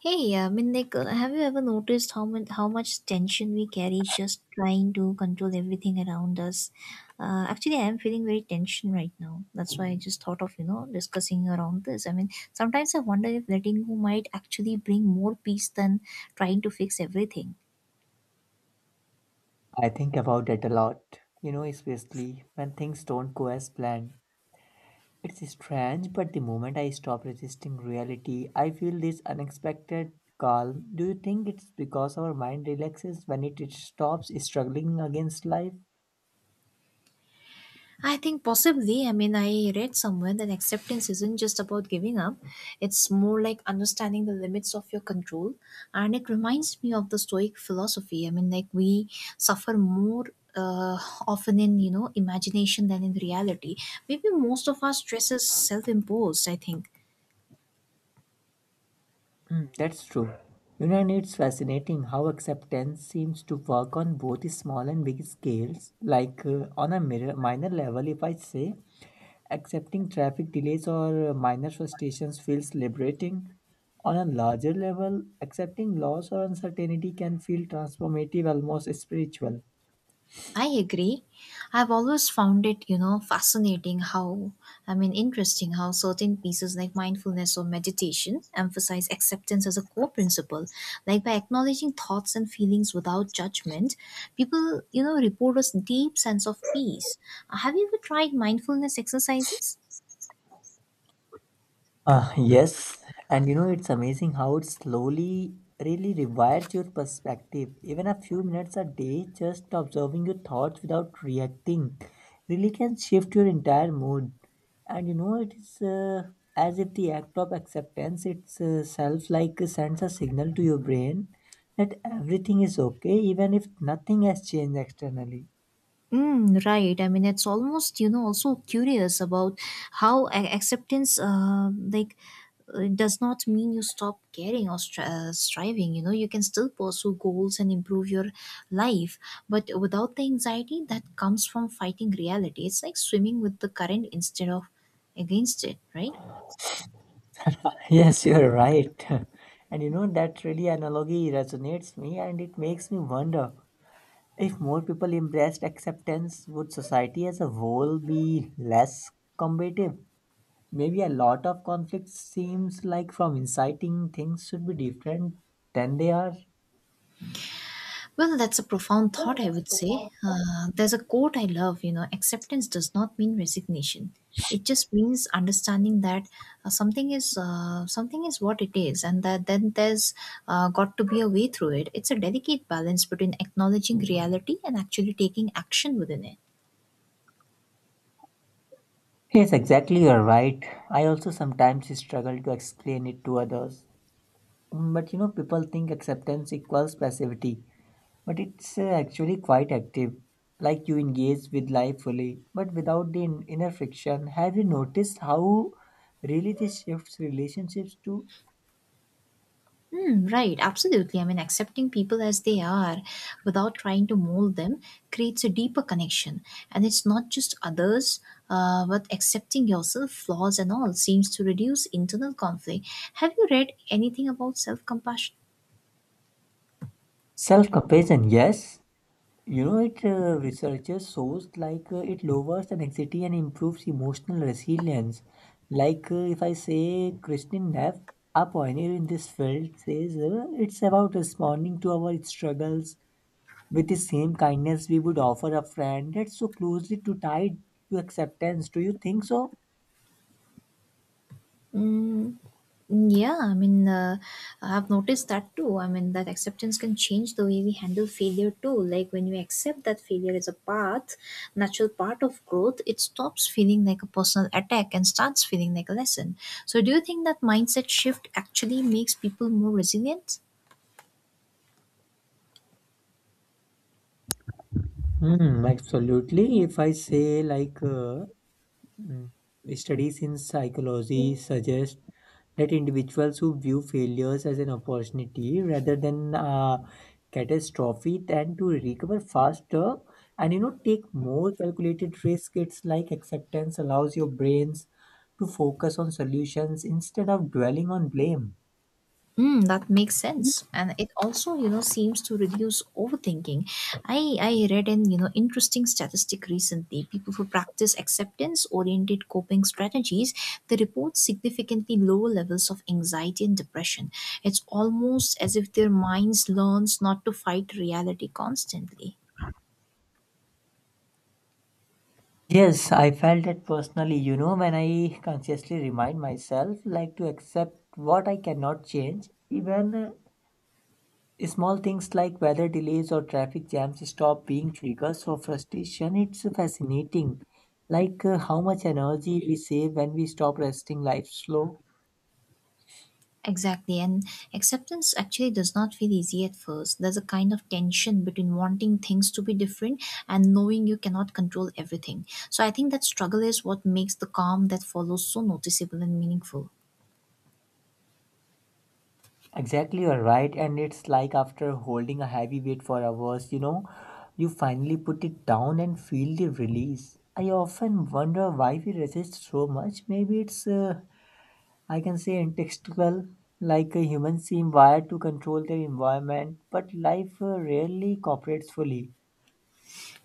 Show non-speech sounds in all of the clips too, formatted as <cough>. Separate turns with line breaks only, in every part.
Hey, have you ever noticed how much tension we carry just trying to control everything around us? Actually, I am feeling very tension right now. That's why I just thought of discussing around this. I mean, sometimes I wonder if letting go might actually bring more peace than trying to fix everything.
I think about it a lot, especially when things don't go as planned. It's strange, but the moment I stop resisting reality, I feel this unexpected calm. Do you think it's because our mind relaxes when it stops struggling against life?
I think possibly. I mean, I read somewhere that acceptance isn't just about giving up, it's more like understanding the limits of your control. And it reminds me of the Stoic philosophy. We suffer more. Uh, Often in imagination than in reality, maybe most of our stress is self-imposed, I think.
Hmm, that's true. And it's fascinating how acceptance seems to work on both small and big scales. Like on a mirror, minor level, if I say, accepting traffic delays or minor frustrations feels liberating. On a larger level, accepting loss or uncertainty can feel transformative, almost spiritual.
I agree. I've always found it, you know, fascinating how, I mean, interesting how certain pieces like mindfulness or meditation emphasize acceptance as a core principle. Like by acknowledging thoughts and feelings without judgment, people, report a deep sense of peace. Have you ever tried mindfulness exercises?
Yes, and it's amazing how it slowly really rewires your perspective. Even a few minutes a day, just observing your thoughts without reacting, really can shift your entire mood. And it is as if the act of acceptance itself like sends a signal to your brain that everything is okay, even if nothing has changed externally.
Mm, right. I mean, it's almost also curious about how acceptance, does not mean you stop caring or striving. You know, you can still pursue goals and improve your life, but without the anxiety that comes from fighting reality. It's like swimming with the current instead of against it, right?
<laughs> Yes, you're right. <laughs> And that really analogy resonates me and it makes me wonder if more people embraced acceptance, would society as a whole be less combative? Maybe a lot of conflicts seems like from inciting things should be different than they are.
Well, that's a profound thought, I would say. There's a quote I love, you know, acceptance does not mean resignation. It just means understanding that something is what it is, and that then there's got to be a way through it. It's a delicate balance between acknowledging reality and actually taking action within it.
Yes, exactly, you're right. I also sometimes struggle to explain it to others. But people think acceptance equals passivity, but it's actually quite active, like you engage with life fully, but without the inner friction. Have you noticed how really this shifts relationships to
Mm, right, absolutely. I mean, accepting people as they are without trying to mold them creates a deeper connection. And it's not just others, but accepting yourself, flaws and all, seems to reduce internal conflict. Have you read anything about self compassion?
self compassion? Yes, it researchers shows like it lowers anxiety and improves emotional resilience. Like if I say Christine Neff, a pioneer in this field, says it's about responding to our struggles with the same kindness we would offer a friend that's so closely to tied to acceptance. Do you think so?
Mm, yeah, I've noticed that too. I mean, that acceptance can change the way we handle failure too. Like when we accept that failure is a path, natural part of growth, it stops feeling like a personal attack and starts feeling like a lesson. So, do you think that mindset shift actually makes people more resilient?
Hmm, absolutely. If I say like mm, studies in psychology suggest that individuals who view failures as an opportunity rather than a catastrophe tend to recover faster and take more calculated risk. It's like acceptance allows your brains to focus on solutions instead of dwelling on blame.
Mm, that makes sense, and it also, you know, seems to reduce overthinking. I read an interesting statistic recently. People who practice acceptance-oriented coping strategies, they report significantly lower levels of anxiety and depression. It's almost as if their minds learns not to fight reality constantly.
Yes, I felt it personally, when I consciously remind myself like to accept what I cannot change, even small things like weather delays or traffic jams stop being triggers for frustration. It's fascinating, like how much energy we save when we stop resting life slow.
Exactly, and acceptance actually does not feel easy at first. There's a kind of tension between wanting things to be different and knowing you cannot control everything. So I think that struggle is what makes the calm that follows so noticeable and meaningful.
Exactly, you're right. And it's like after holding a heavy weight for hours, you finally put it down and feel the release. I often wonder why we resist so much. Maybe it's, I can say, contextual. Like humans seem wired to control their environment, but life rarely cooperates fully.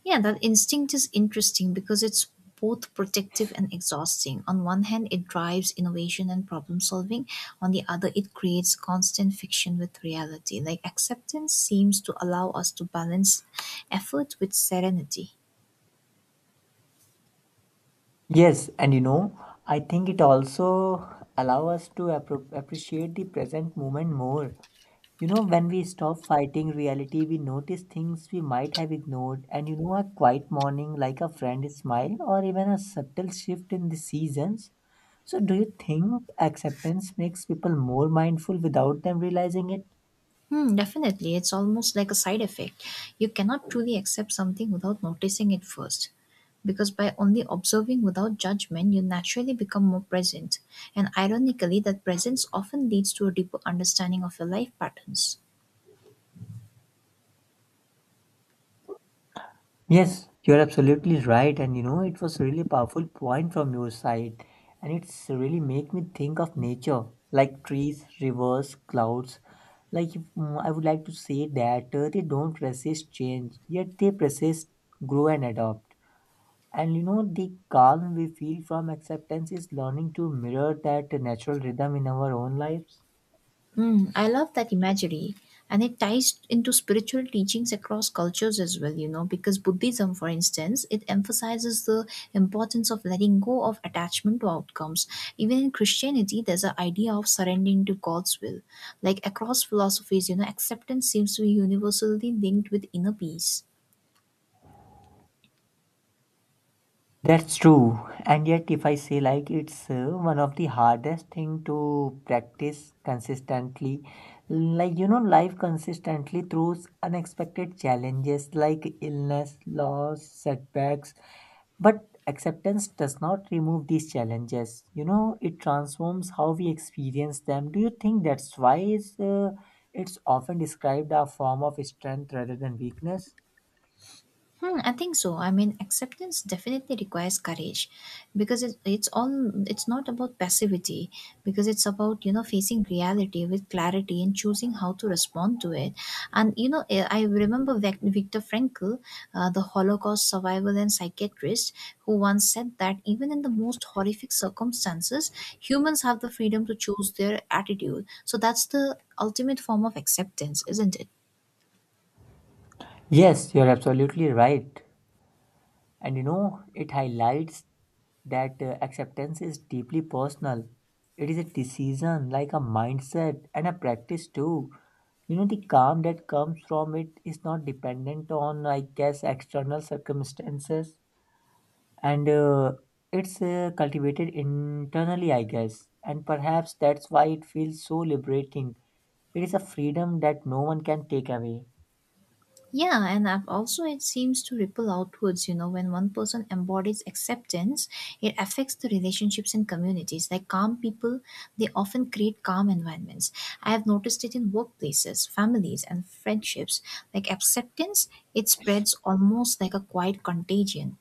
Yeah, that instinct is interesting because it's both protective and exhausting. On one hand, it drives innovation and problem solving. On the other, it creates constant fiction with reality. Like acceptance seems to allow us to balance effort with serenity.
Yes, and I think it also allow us to appreciate the present moment more. When we stop fighting reality, we notice things we might have ignored, and a quiet morning like a friend's smile or even a subtle shift in the seasons. So, do you think acceptance makes people more mindful without them realizing it?
Hmm, definitely. It's almost like a side effect. You cannot truly accept something without noticing it first. Because by only observing without judgment, you naturally become more present. And ironically, that presence often leads to a deeper understanding of your life patterns.
Yes, you're absolutely right. And it was really powerful point from your side. And it's really make me think of nature, like trees, rivers, clouds. Like if, I would like to say that they don't resist change, yet they persist, grow and adopt. And the calm we feel from acceptance is learning to mirror that natural rhythm in our own lives.
Mm, I love that imagery. And it ties into spiritual teachings across cultures as well, you know, because Buddhism, for instance, it emphasizes the importance of letting go of attachment to outcomes. Even in Christianity, there's an idea of surrendering to God's will. Like across philosophies, you know, acceptance seems to be universally linked with inner peace.
That's true. And yet, if I say like it's one of the hardest thing to practice consistently, like life consistently throws unexpected challenges like illness, loss, setbacks. But acceptance does not remove these challenges. It transforms how we experience them. Do you think that's why it's often described a form of strength rather than weakness?
Hmm, I think so. I mean, acceptance definitely requires courage because it, it's all it's not about passivity because it's about facing reality with clarity and choosing how to respond to it. And you know, I remember Viktor Frankl, the Holocaust survivor and psychiatrist, who once said that even in the most horrific circumstances, humans have the freedom to choose their attitude. So that's the ultimate form of acceptance, isn't it?
Yes, you're absolutely right. And it highlights that acceptance is deeply personal. It is a decision, like a mindset and a practice too. The calm that comes from it is not dependent on, I guess, external circumstances. And it's cultivated internally, I guess. And perhaps that's why it feels so liberating. It is a freedom that no one can take away.
Yeah, and I've also, it seems to ripple outwards, you know, when one person embodies acceptance, it affects the relationships and communities. Like calm people, they often create calm environments. I have noticed it in workplaces, families, and friendships. Like acceptance, it spreads almost like a quiet contagion.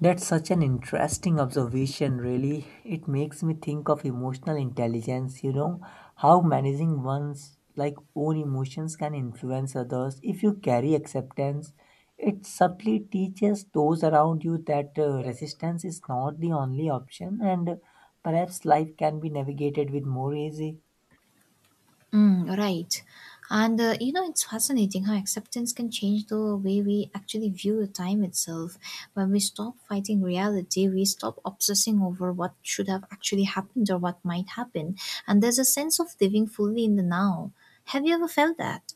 That's such an interesting observation, really. It makes me think of emotional intelligence, how managing one's like own emotions can influence others. If you carry acceptance, it subtly teaches those around you that resistance is not the only option and perhaps life can be navigated with more easy.
Mm, right. And You know, it's fascinating how acceptance can change the way we actually view the time itself. When we stop fighting reality, we stop obsessing over what should have actually happened or what might happen. And there's a sense of living fully in the now. Have you ever felt that?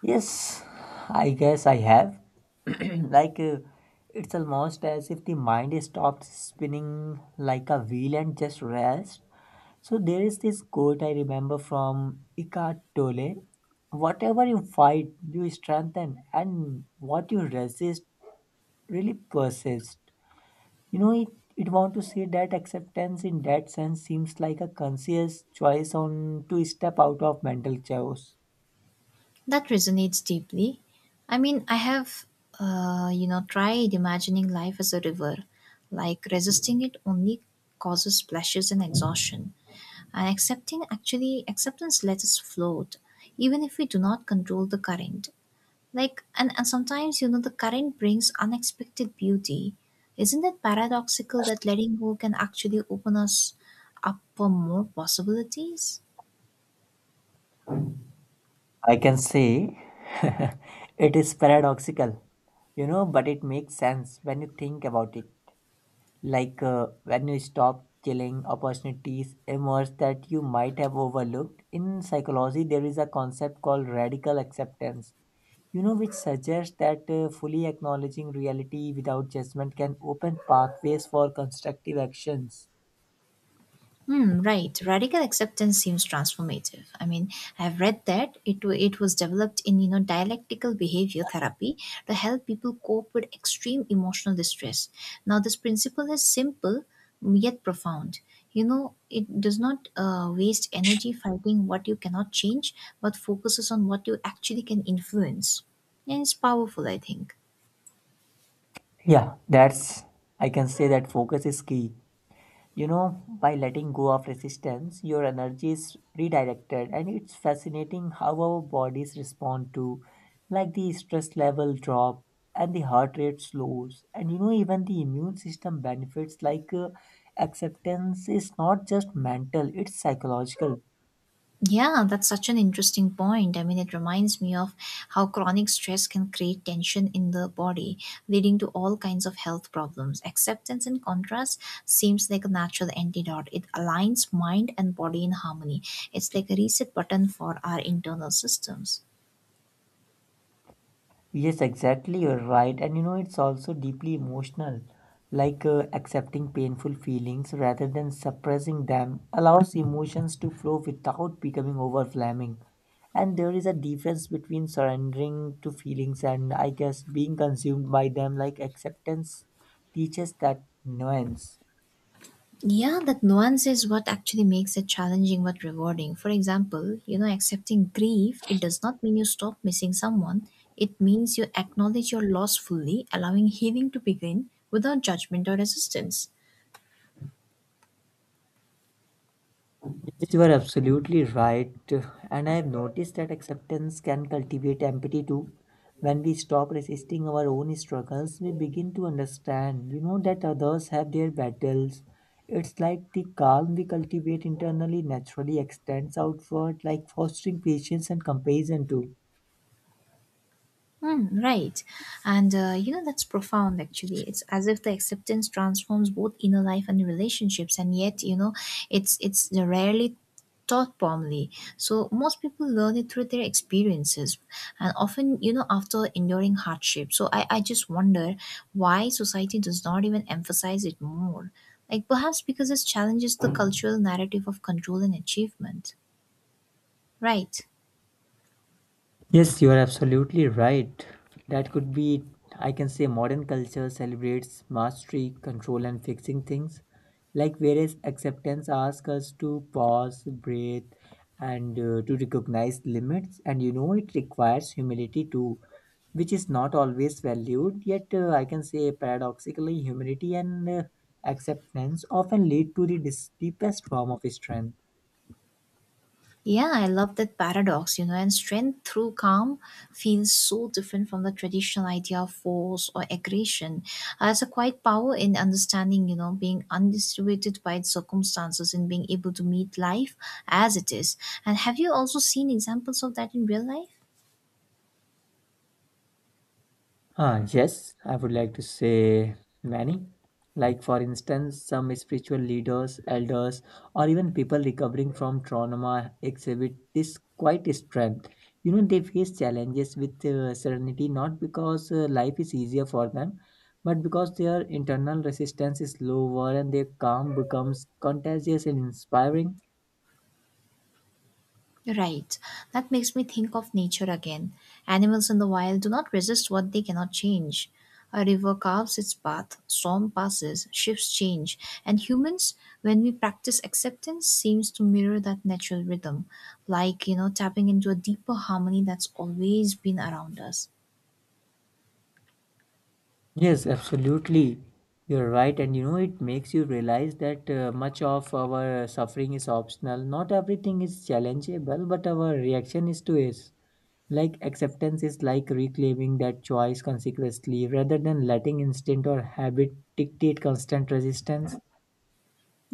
Yes, I guess I have. <clears throat> Like, it's almost as if the mind stopped spinning like a wheel and just rests. So, there is this quote I remember from Eckhart Tolle: Whatever you fight, you strengthen, and what you resist really persists. You know, it, it want to say that acceptance in that sense seems like a conscious choice on to step out of mental chaos.
That resonates deeply. I mean, I have, you know, tried imagining life as a river. Like resisting it only causes splashes and exhaustion. And accepting actually acceptance lets us float, even if we do not control the current. Like and sometimes the current brings unexpected beauty. Isn't it paradoxical that letting go can actually open us up for more possibilities?
I can say <laughs> it is paradoxical, but it makes sense when you think about it. Like when you stop killing, opportunities emerge that you might have overlooked. In psychology, there is a concept called radical acceptance, which suggests that fully acknowledging reality without judgment can open pathways for constructive actions.
Hmm, right. Radical acceptance seems transformative. I mean, I've read that it was developed in dialectical behavior therapy to help people cope with extreme emotional distress. Now, this principle is simple yet profound. You know, it does not waste energy fighting what you cannot change, but focuses on what you actually can influence, and it's powerful, I think.
Yeah, that's, I can say that focus is key. By letting go of resistance, your energy is redirected, and it's fascinating how our bodies respond to, like the stress level drop and the heart rate slows, and even the immune system benefits. Like acceptance is not just mental, it's psychological.
Yeah, that's such an interesting point. I mean, it reminds me of how chronic stress can create tension in the body, leading to all kinds of health problems. Acceptance, in contrast, seems like a natural antidote. It aligns mind and body in harmony. It's like a reset button for our internal systems.
Yes, exactly. You're right. And it's also deeply emotional. Like accepting painful feelings rather than suppressing them allows emotions to flow without becoming overwhelming. And there is a difference between surrendering to feelings and I guess being consumed by them. Like acceptance teaches that nuance.
Yeah, that nuance is what actually makes it challenging but rewarding. For example, you know, accepting grief, it does not mean you stop missing someone. It means you acknowledge your loss fully, allowing healing to begin without judgment or resistance.
Yes, you are absolutely right. And I have noticed that acceptance can cultivate empathy too. When we stop resisting our own struggles, we begin to understand, that others have their battles. It's like the calm we cultivate internally naturally extends outward, like fostering patience and compassion too.
Mm, right. And You know, that's profound actually. It's as if the acceptance transforms both inner life and relationships, and yet, you know, it's rarely taught formally. So most people learn it through their experiences and often, you know, after enduring hardship. So I just wonder why society does not even emphasize it more. Like perhaps because it challenges the cultural narrative of control and achievement. Right.
Yes, you are absolutely right. That could be, I can say, modern culture celebrates mastery, control, and fixing things. Like, whereas acceptance asks us to pause, breathe, and to recognize limits. And it requires humility too, which is not always valued. Yet, I can say, paradoxically, humility and acceptance often lead to the deepest form of strength.
Yeah, I love that paradox, you know, and strength through calm feels so different from the traditional idea of force or aggression. Has a quiet power in understanding, you know, being undisturbed by its circumstances and being able to meet life as it is. And have you also seen examples of that in real life?
Yes, I would like to say many. Like, for instance, some spiritual leaders, elders, or even people recovering from trauma exhibit this quite strength. They face challenges with serenity not because life is easier for them, but because their internal resistance is lower and their calm becomes contagious and inspiring.
Right. That makes me think of nature again. Animals in the wild do not resist what they cannot change. A river carves its path, storm passes, shifts change, and humans, when we practice acceptance, seems to mirror that natural rhythm, like, you know, tapping into a deeper harmony that's always been around us.
Yes, absolutely. You're right. And it makes you realize that much of our suffering is optional. Not everything is challengeable, but our reaction is to it. Like acceptance is like reclaiming that choice consequently rather than letting instinct or habit dictate constant resistance.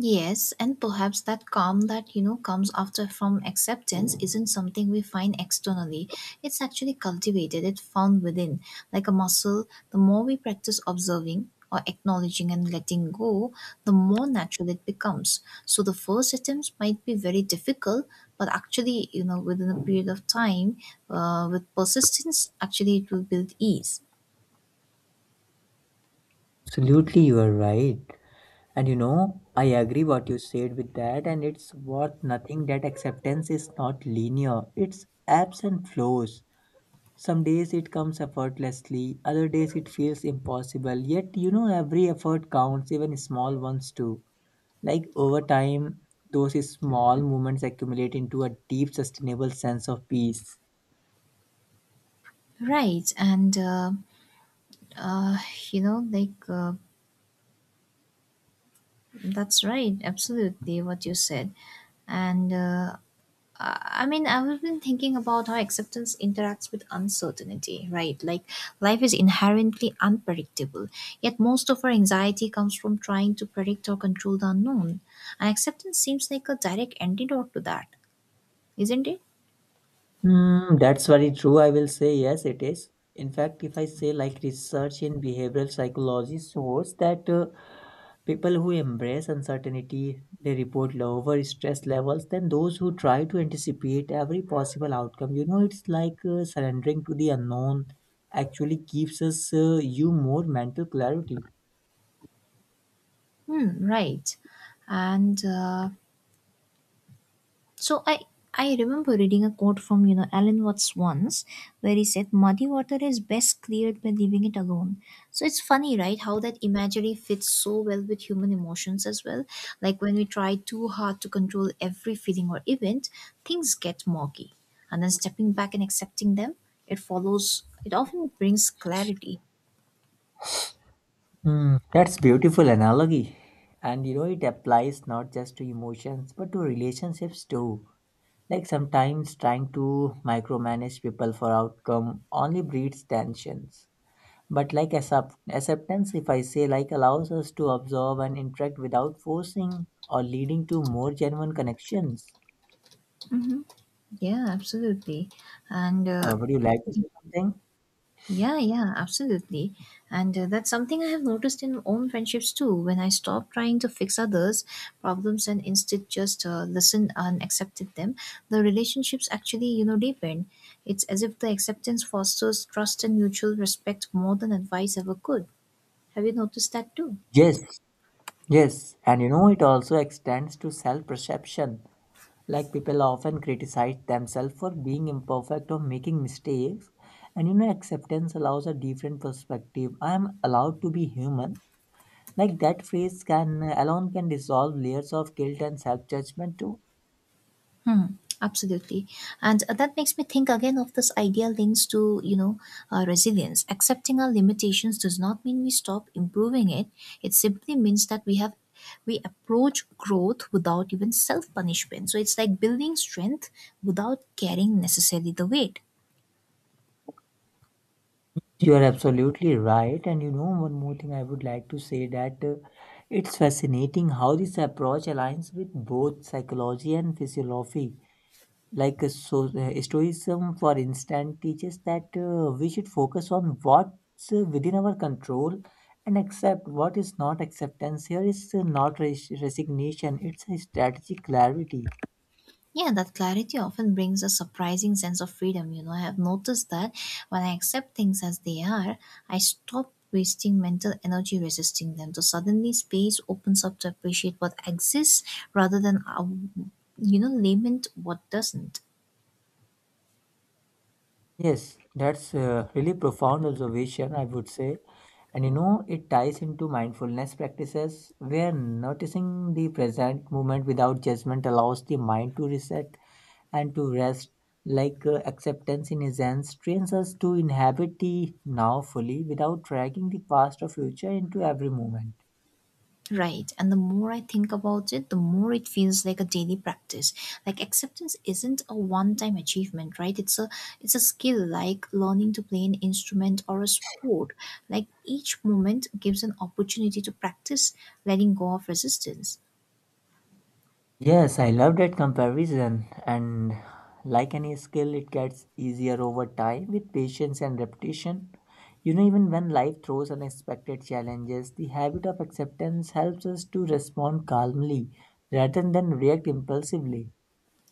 Yes, and perhaps that calm that comes after from acceptance isn't something we find externally. It's actually cultivated, it's found within. Like a muscle, the more we practice observing or acknowledging and letting go, the more natural it becomes. So the first attempts might be very difficult, but actually, you know, within a period of time, with persistence, actually it will build ease.
Absolutely, you are right. And I agree what you said with that, and it's worth nothing that acceptance is not linear, it's ebbs and flows. Some days it comes effortlessly, other days it feels impossible. Yet, every effort counts, even small ones too. Like over time, those small moments accumulate into a deep, sustainable sense of peace.
Right, and uh, you know, like. That's right, absolutely what you said. And I I mean, I've been thinking about how acceptance interacts with uncertainty, right? Like, life is inherently unpredictable, yet, most of our anxiety comes from trying to predict or control the unknown. And acceptance seems like a direct antidote to that, isn't it?
Hmm, that's very true. I will say yes, it is. In fact, if I say like research in behavioral psychology shows that people who embrace uncertainty, they report lower stress levels than those who try to anticipate every possible outcome. It's like surrendering to the unknown actually gives us you more mental clarity.
Hmm, right. And So I remember reading a quote from Alan Watts once where he said muddy water is best cleared by leaving it alone. So it's funny, right? How that imagery fits so well with human emotions as well. Like when we try too hard to control every feeling or event, things get murky. And then stepping back and accepting them, it follows. It often brings clarity.
Hmm, that's beautiful analogy. And it applies not just to emotions but to relationships too. Like sometimes trying to micromanage people for outcome only breeds tensions. But like acceptance, if I say like allows us to observe and interact without forcing or leading to more genuine connections.
Yeah, absolutely. And
Would you like to say something?
Yeah, yeah, absolutely. And That's something I have noticed in my own friendships too. When I stop trying to fix others' problems and instead just listen and accepted them, the relationships actually, you know, deepen. It's as if the acceptance fosters trust and mutual respect more than advice ever could. Have you noticed that too?
Yes, yes. And it also extends to self perception. Like people often criticize themselves for being imperfect or making mistakes. And acceptance allows a different perspective. I am allowed to be human. Like that phrase can alone can dissolve layers of guilt and self judgment too.
Hmm, absolutely. And That makes me think again of this idea links to, you know, resilience. Accepting our limitations does not mean we stop improving it. It simply means that we approach growth without even self punishment. So it's like building strength without carrying necessarily the weight.
You are absolutely right. And one more thing I would like to say that it's fascinating how this approach aligns with both psychology and physiology. Like Stoicism, for instance, teaches that we should focus on what's within our control and accept what is not. Acceptance here is not res- resignation, it's a strategic clarity.
Yeah, that clarity often brings a surprising sense of freedom. You know, I have noticed that when I accept things as they are, I stop wasting mental energy resisting them. So suddenly space opens up to appreciate what exists rather than, you know, lament what doesn't.
Yes, that's a really profound observation, I would say. And you know, it ties into mindfulness practices where noticing the present moment without judgment allows the mind to reset and to rest. Like acceptance in essence trains us to inhabit the now fully without dragging the past or future into every moment.
Right. And the more I think about it, the more it feels like a daily practice. Like acceptance isn't a one-time achievement, right? It's a skill like learning to play an instrument or a sport. Like each moment gives an opportunity to practice letting go of resistance.
Yes, I love that comparison. And like any skill, it gets easier over time with patience and repetition. You know, even when life throws unexpected challenges, the habit of acceptance helps us to respond calmly rather than react impulsively.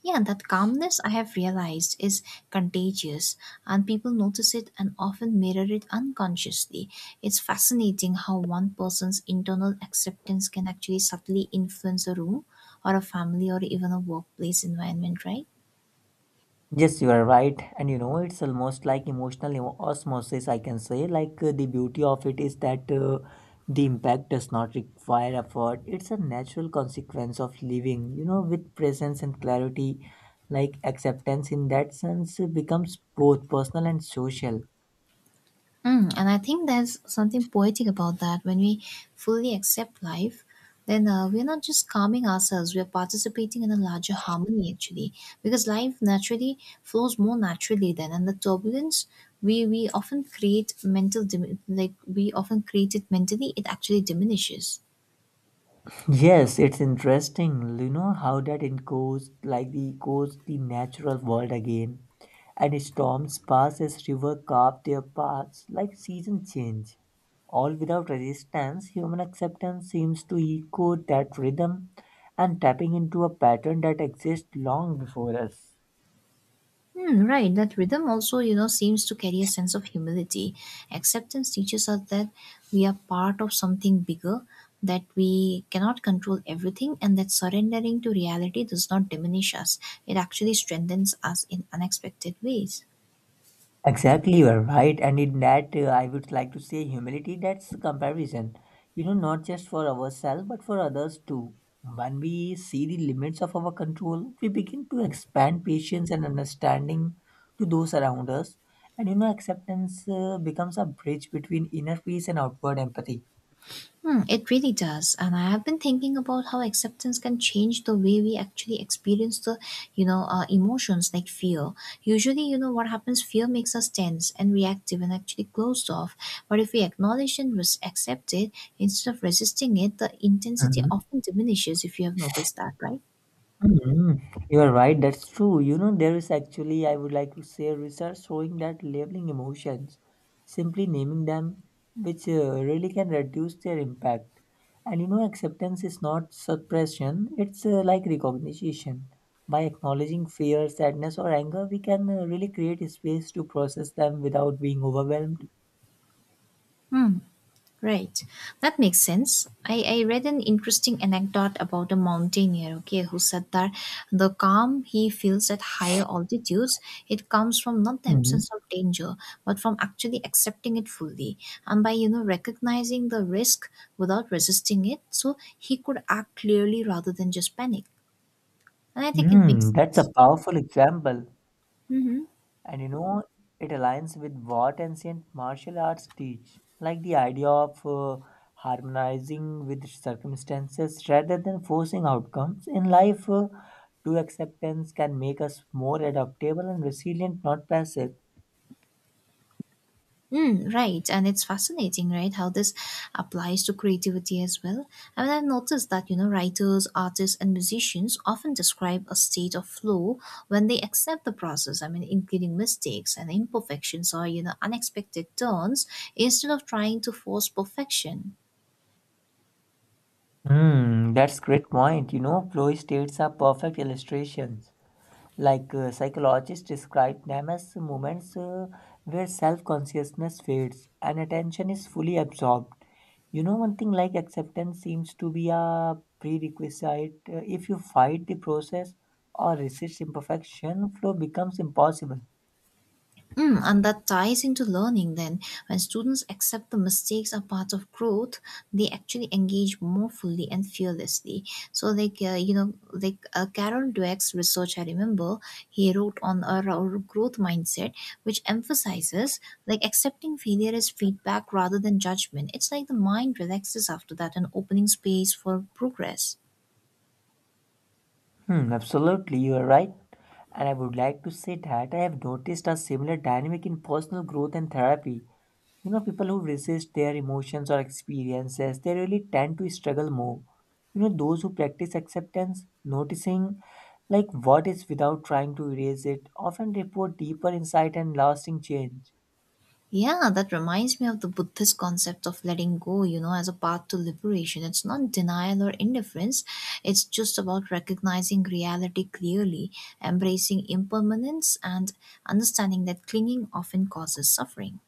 Yeah, that calmness I have realized is contagious, and people notice it and often mirror it unconsciously. It's fascinating how one person's internal acceptance can actually subtly influence a room or a family or even a workplace environment, right?
Yes, you are right. And you know, it's almost like osmosis, I can say. Like, the beauty of it is that the impact does not require effort. It's a natural consequence of living, you know, with presence and clarity. Like, acceptance in that sense becomes both personal and social.
Mm, and I think there's something poetic about that. When we fully accept life, then we're not just calming ourselves, we're participating in a larger harmony actually. Because life naturally flows more naturally then. And the turbulence we often create mental, like we often create it mentally, it actually diminishes.
Yes, it's interesting, you know, how that it goes like the natural world again. And storms pass as river carve their paths like season change. All without resistance, human acceptance seems to echo that rhythm and tapping into a pattern that exists long before us.
Hmm, right, that rhythm also, you know, seems to carry a sense of humility. Acceptance teaches us that we are part of something bigger, that we cannot control everything, and that surrendering to reality does not diminish us. It actually strengthens us in unexpected ways.
Exactly, you are right. And in that, I would like to say humility, that's the comparison. You know, not just for ourselves, but for others too. When we see the limits of our control, we begin to expand patience and understanding to those around us. And you know, acceptance becomes a bridge between inner peace and outward empathy.
Hmm, it really does. And I have been thinking about how acceptance can change the way we actually experience the, you know, emotions like fear. Usually, you know, what happens, fear makes us tense and reactive and actually closed off. But if we acknowledge and accept it, instead of resisting it, the intensity often diminishes if you have noticed that, right?
Mhm. You are right, that's true. You know, there is actually, I would like to say research showing that labeling emotions, simply naming them, which really can reduce their impact. And you know, acceptance is not suppression, it's like recognition. By acknowledging fear, sadness, or anger, we can really create a space to process them without being overwhelmed.
Hmm. Right. That makes sense. I read an interesting anecdote about a mountaineer, okay, who said that the calm he feels at higher altitudes, it comes from not the
Mhm.
absence of danger, but from actually accepting it fully. And by, you know, recognizing the risk without resisting it, so he could act clearly rather than just panic. And I think it
Hmm,
makes
that's a
sense.
powerful example.
Mm-hmm.
And you know, it aligns with what ancient martial arts teach, like the idea of harmonizing with circumstances rather than forcing outcomes. In life, true acceptance can make us more adaptable and resilient, not passive.
Mm, right, and it's fascinating, right, how this applies to creativity as well. I mean, I've noticed that, you know, writers, artists, and musicians often describe a state of flow when they accept the process. I mean, including mistakes and imperfections or, you know, unexpected turns instead of trying to force perfection.
Hmm, that's great point. You know, flow states are perfect illustrations. Like psychologists describe them as moments where self-consciousness fades and attention is fully absorbed. You know, one thing like acceptance seems to be a prerequisite. If you fight the process or resist imperfection, flow becomes impossible.
Mm, and that ties into learning then. When students accept the mistakes are part of growth, they actually engage more fully and fearlessly. So, Carol Dweck's research, I remember, he wrote on our growth mindset, which emphasizes like accepting failure as feedback rather than judgment. It's like the mind relaxes after that and opening space for progress.
Hmm, absolutely, you are right. And I would like to say that I have noticed a similar dynamic in personal growth and therapy. You know, people who resist their emotions or experiences, they really tend to struggle more. You know, those who practice acceptance, noticing like what is without trying to erase it, often report deeper insight and lasting change.
Yeah, that reminds me of the Buddhist concept of letting go, you know, as a path to liberation. It's not denial or indifference, it's just about recognizing reality clearly, embracing impermanence, and understanding that clinging often causes suffering.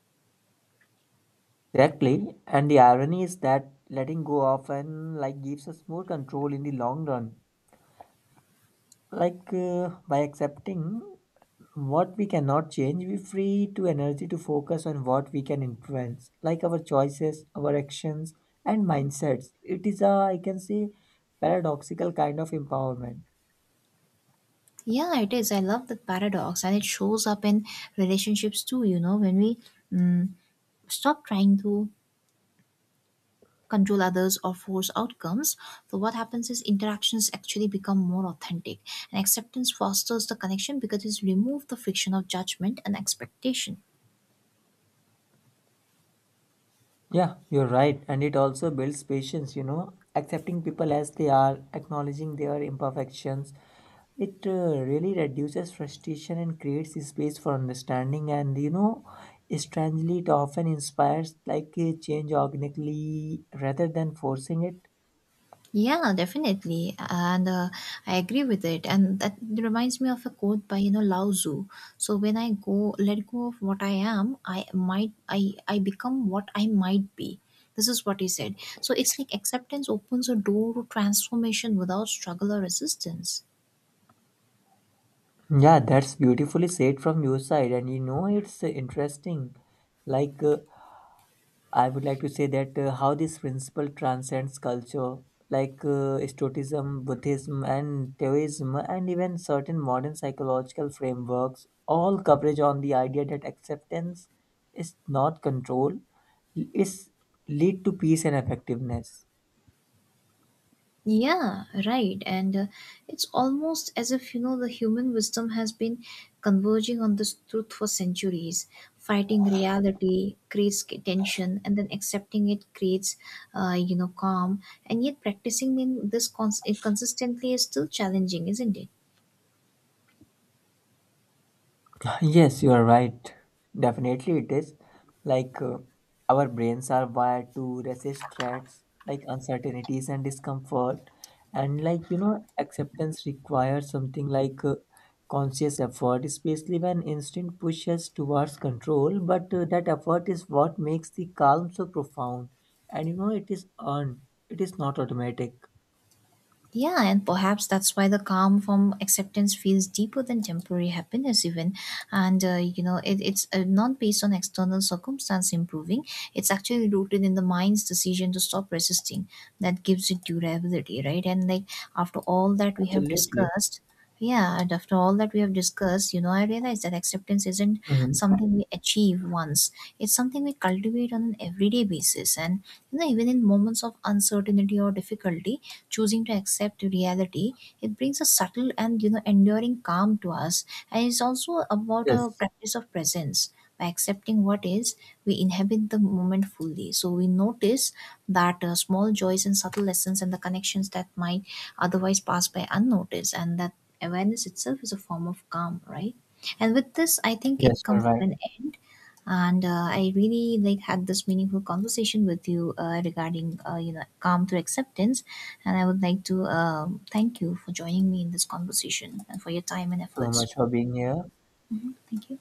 Exactly. And the irony is that letting go often like gives us more control in the long run. Like by accepting what we cannot change, we free to energy to focus on what we can influence, like our choices, our actions, and mindsets. It is a, I can say, paradoxical kind of empowerment.
Yeah, it is. I love that paradox, and it shows up in relationships too, you know, when we stop trying to control others or force outcomes. So what happens is interactions actually become more authentic, and acceptance fosters the connection because it's removed the friction of judgment and expectation.
Yeah, you're right. And it also builds patience, you know, accepting people as they are, acknowledging their imperfections. It really reduces frustration and creates a space for understanding. And, you know, strangely, it often inspires like a change organically rather than forcing it.
Yeah, definitely. And I agree with it. And that reminds me of a quote by, you know, Lao Tzu. So when I go let go of what I am, I become what I might be. This is what he said. So it's like acceptance opens a door to transformation without struggle or resistance.
Yeah, that's beautifully said from your side, and you know it's interesting. Like I would like to say that how this principle transcends culture, like Stoicism, Buddhism, and Taoism, and even certain modern psychological frameworks, all coverage on the idea that acceptance is not control, is lead to peace and effectiveness.
Yeah, right. And it's almost as if, you know, the human wisdom has been converging on this truth for centuries. Fighting reality creates tension, and then accepting it creates, you know, calm. And yet, practicing in this consistently is still challenging, isn't it?
Yes, you are right. Definitely, it is. Like, our brains are wired to resist threats, like uncertainties and discomfort. And, like, you know, acceptance requires something like conscious effort, especially when instinct pushes towards control. But that effort is what makes the calm so profound. And, you know, it is earned, it is not automatic.
Yeah, and perhaps that's why the calm from acceptance feels deeper than temporary happiness, even. And, you know, it's not based on external circumstance improving, it's actually rooted in the mind's decision to stop resisting. That gives it durability, right? And, like, after all that we have
Absolutely.
discussed, yeah, and after all that we have discussed, you know, I realize that acceptance isn't
Hmm.
something we achieve once. It's something we cultivate on an everyday basis. And, you know, even in moments of uncertainty or difficulty, choosing to accept reality, it brings a subtle and, you know, enduring calm to us. And it's also about a
Yes,
practice of presence. By accepting what is, we inhabit the moment fully, so we notice that small joys and subtle lessons and the connections that might otherwise pass by unnoticed. And that awareness itself is a form of calm, right? And with this, I think it
yes, you're
comes to
right.
an end. And I really like had this meaningful conversation with you regarding you know, calm through acceptance. And I would like to thank you for joining me in this conversation and for your time and
So
efforts.
much for being here.
Mhm. Thank you.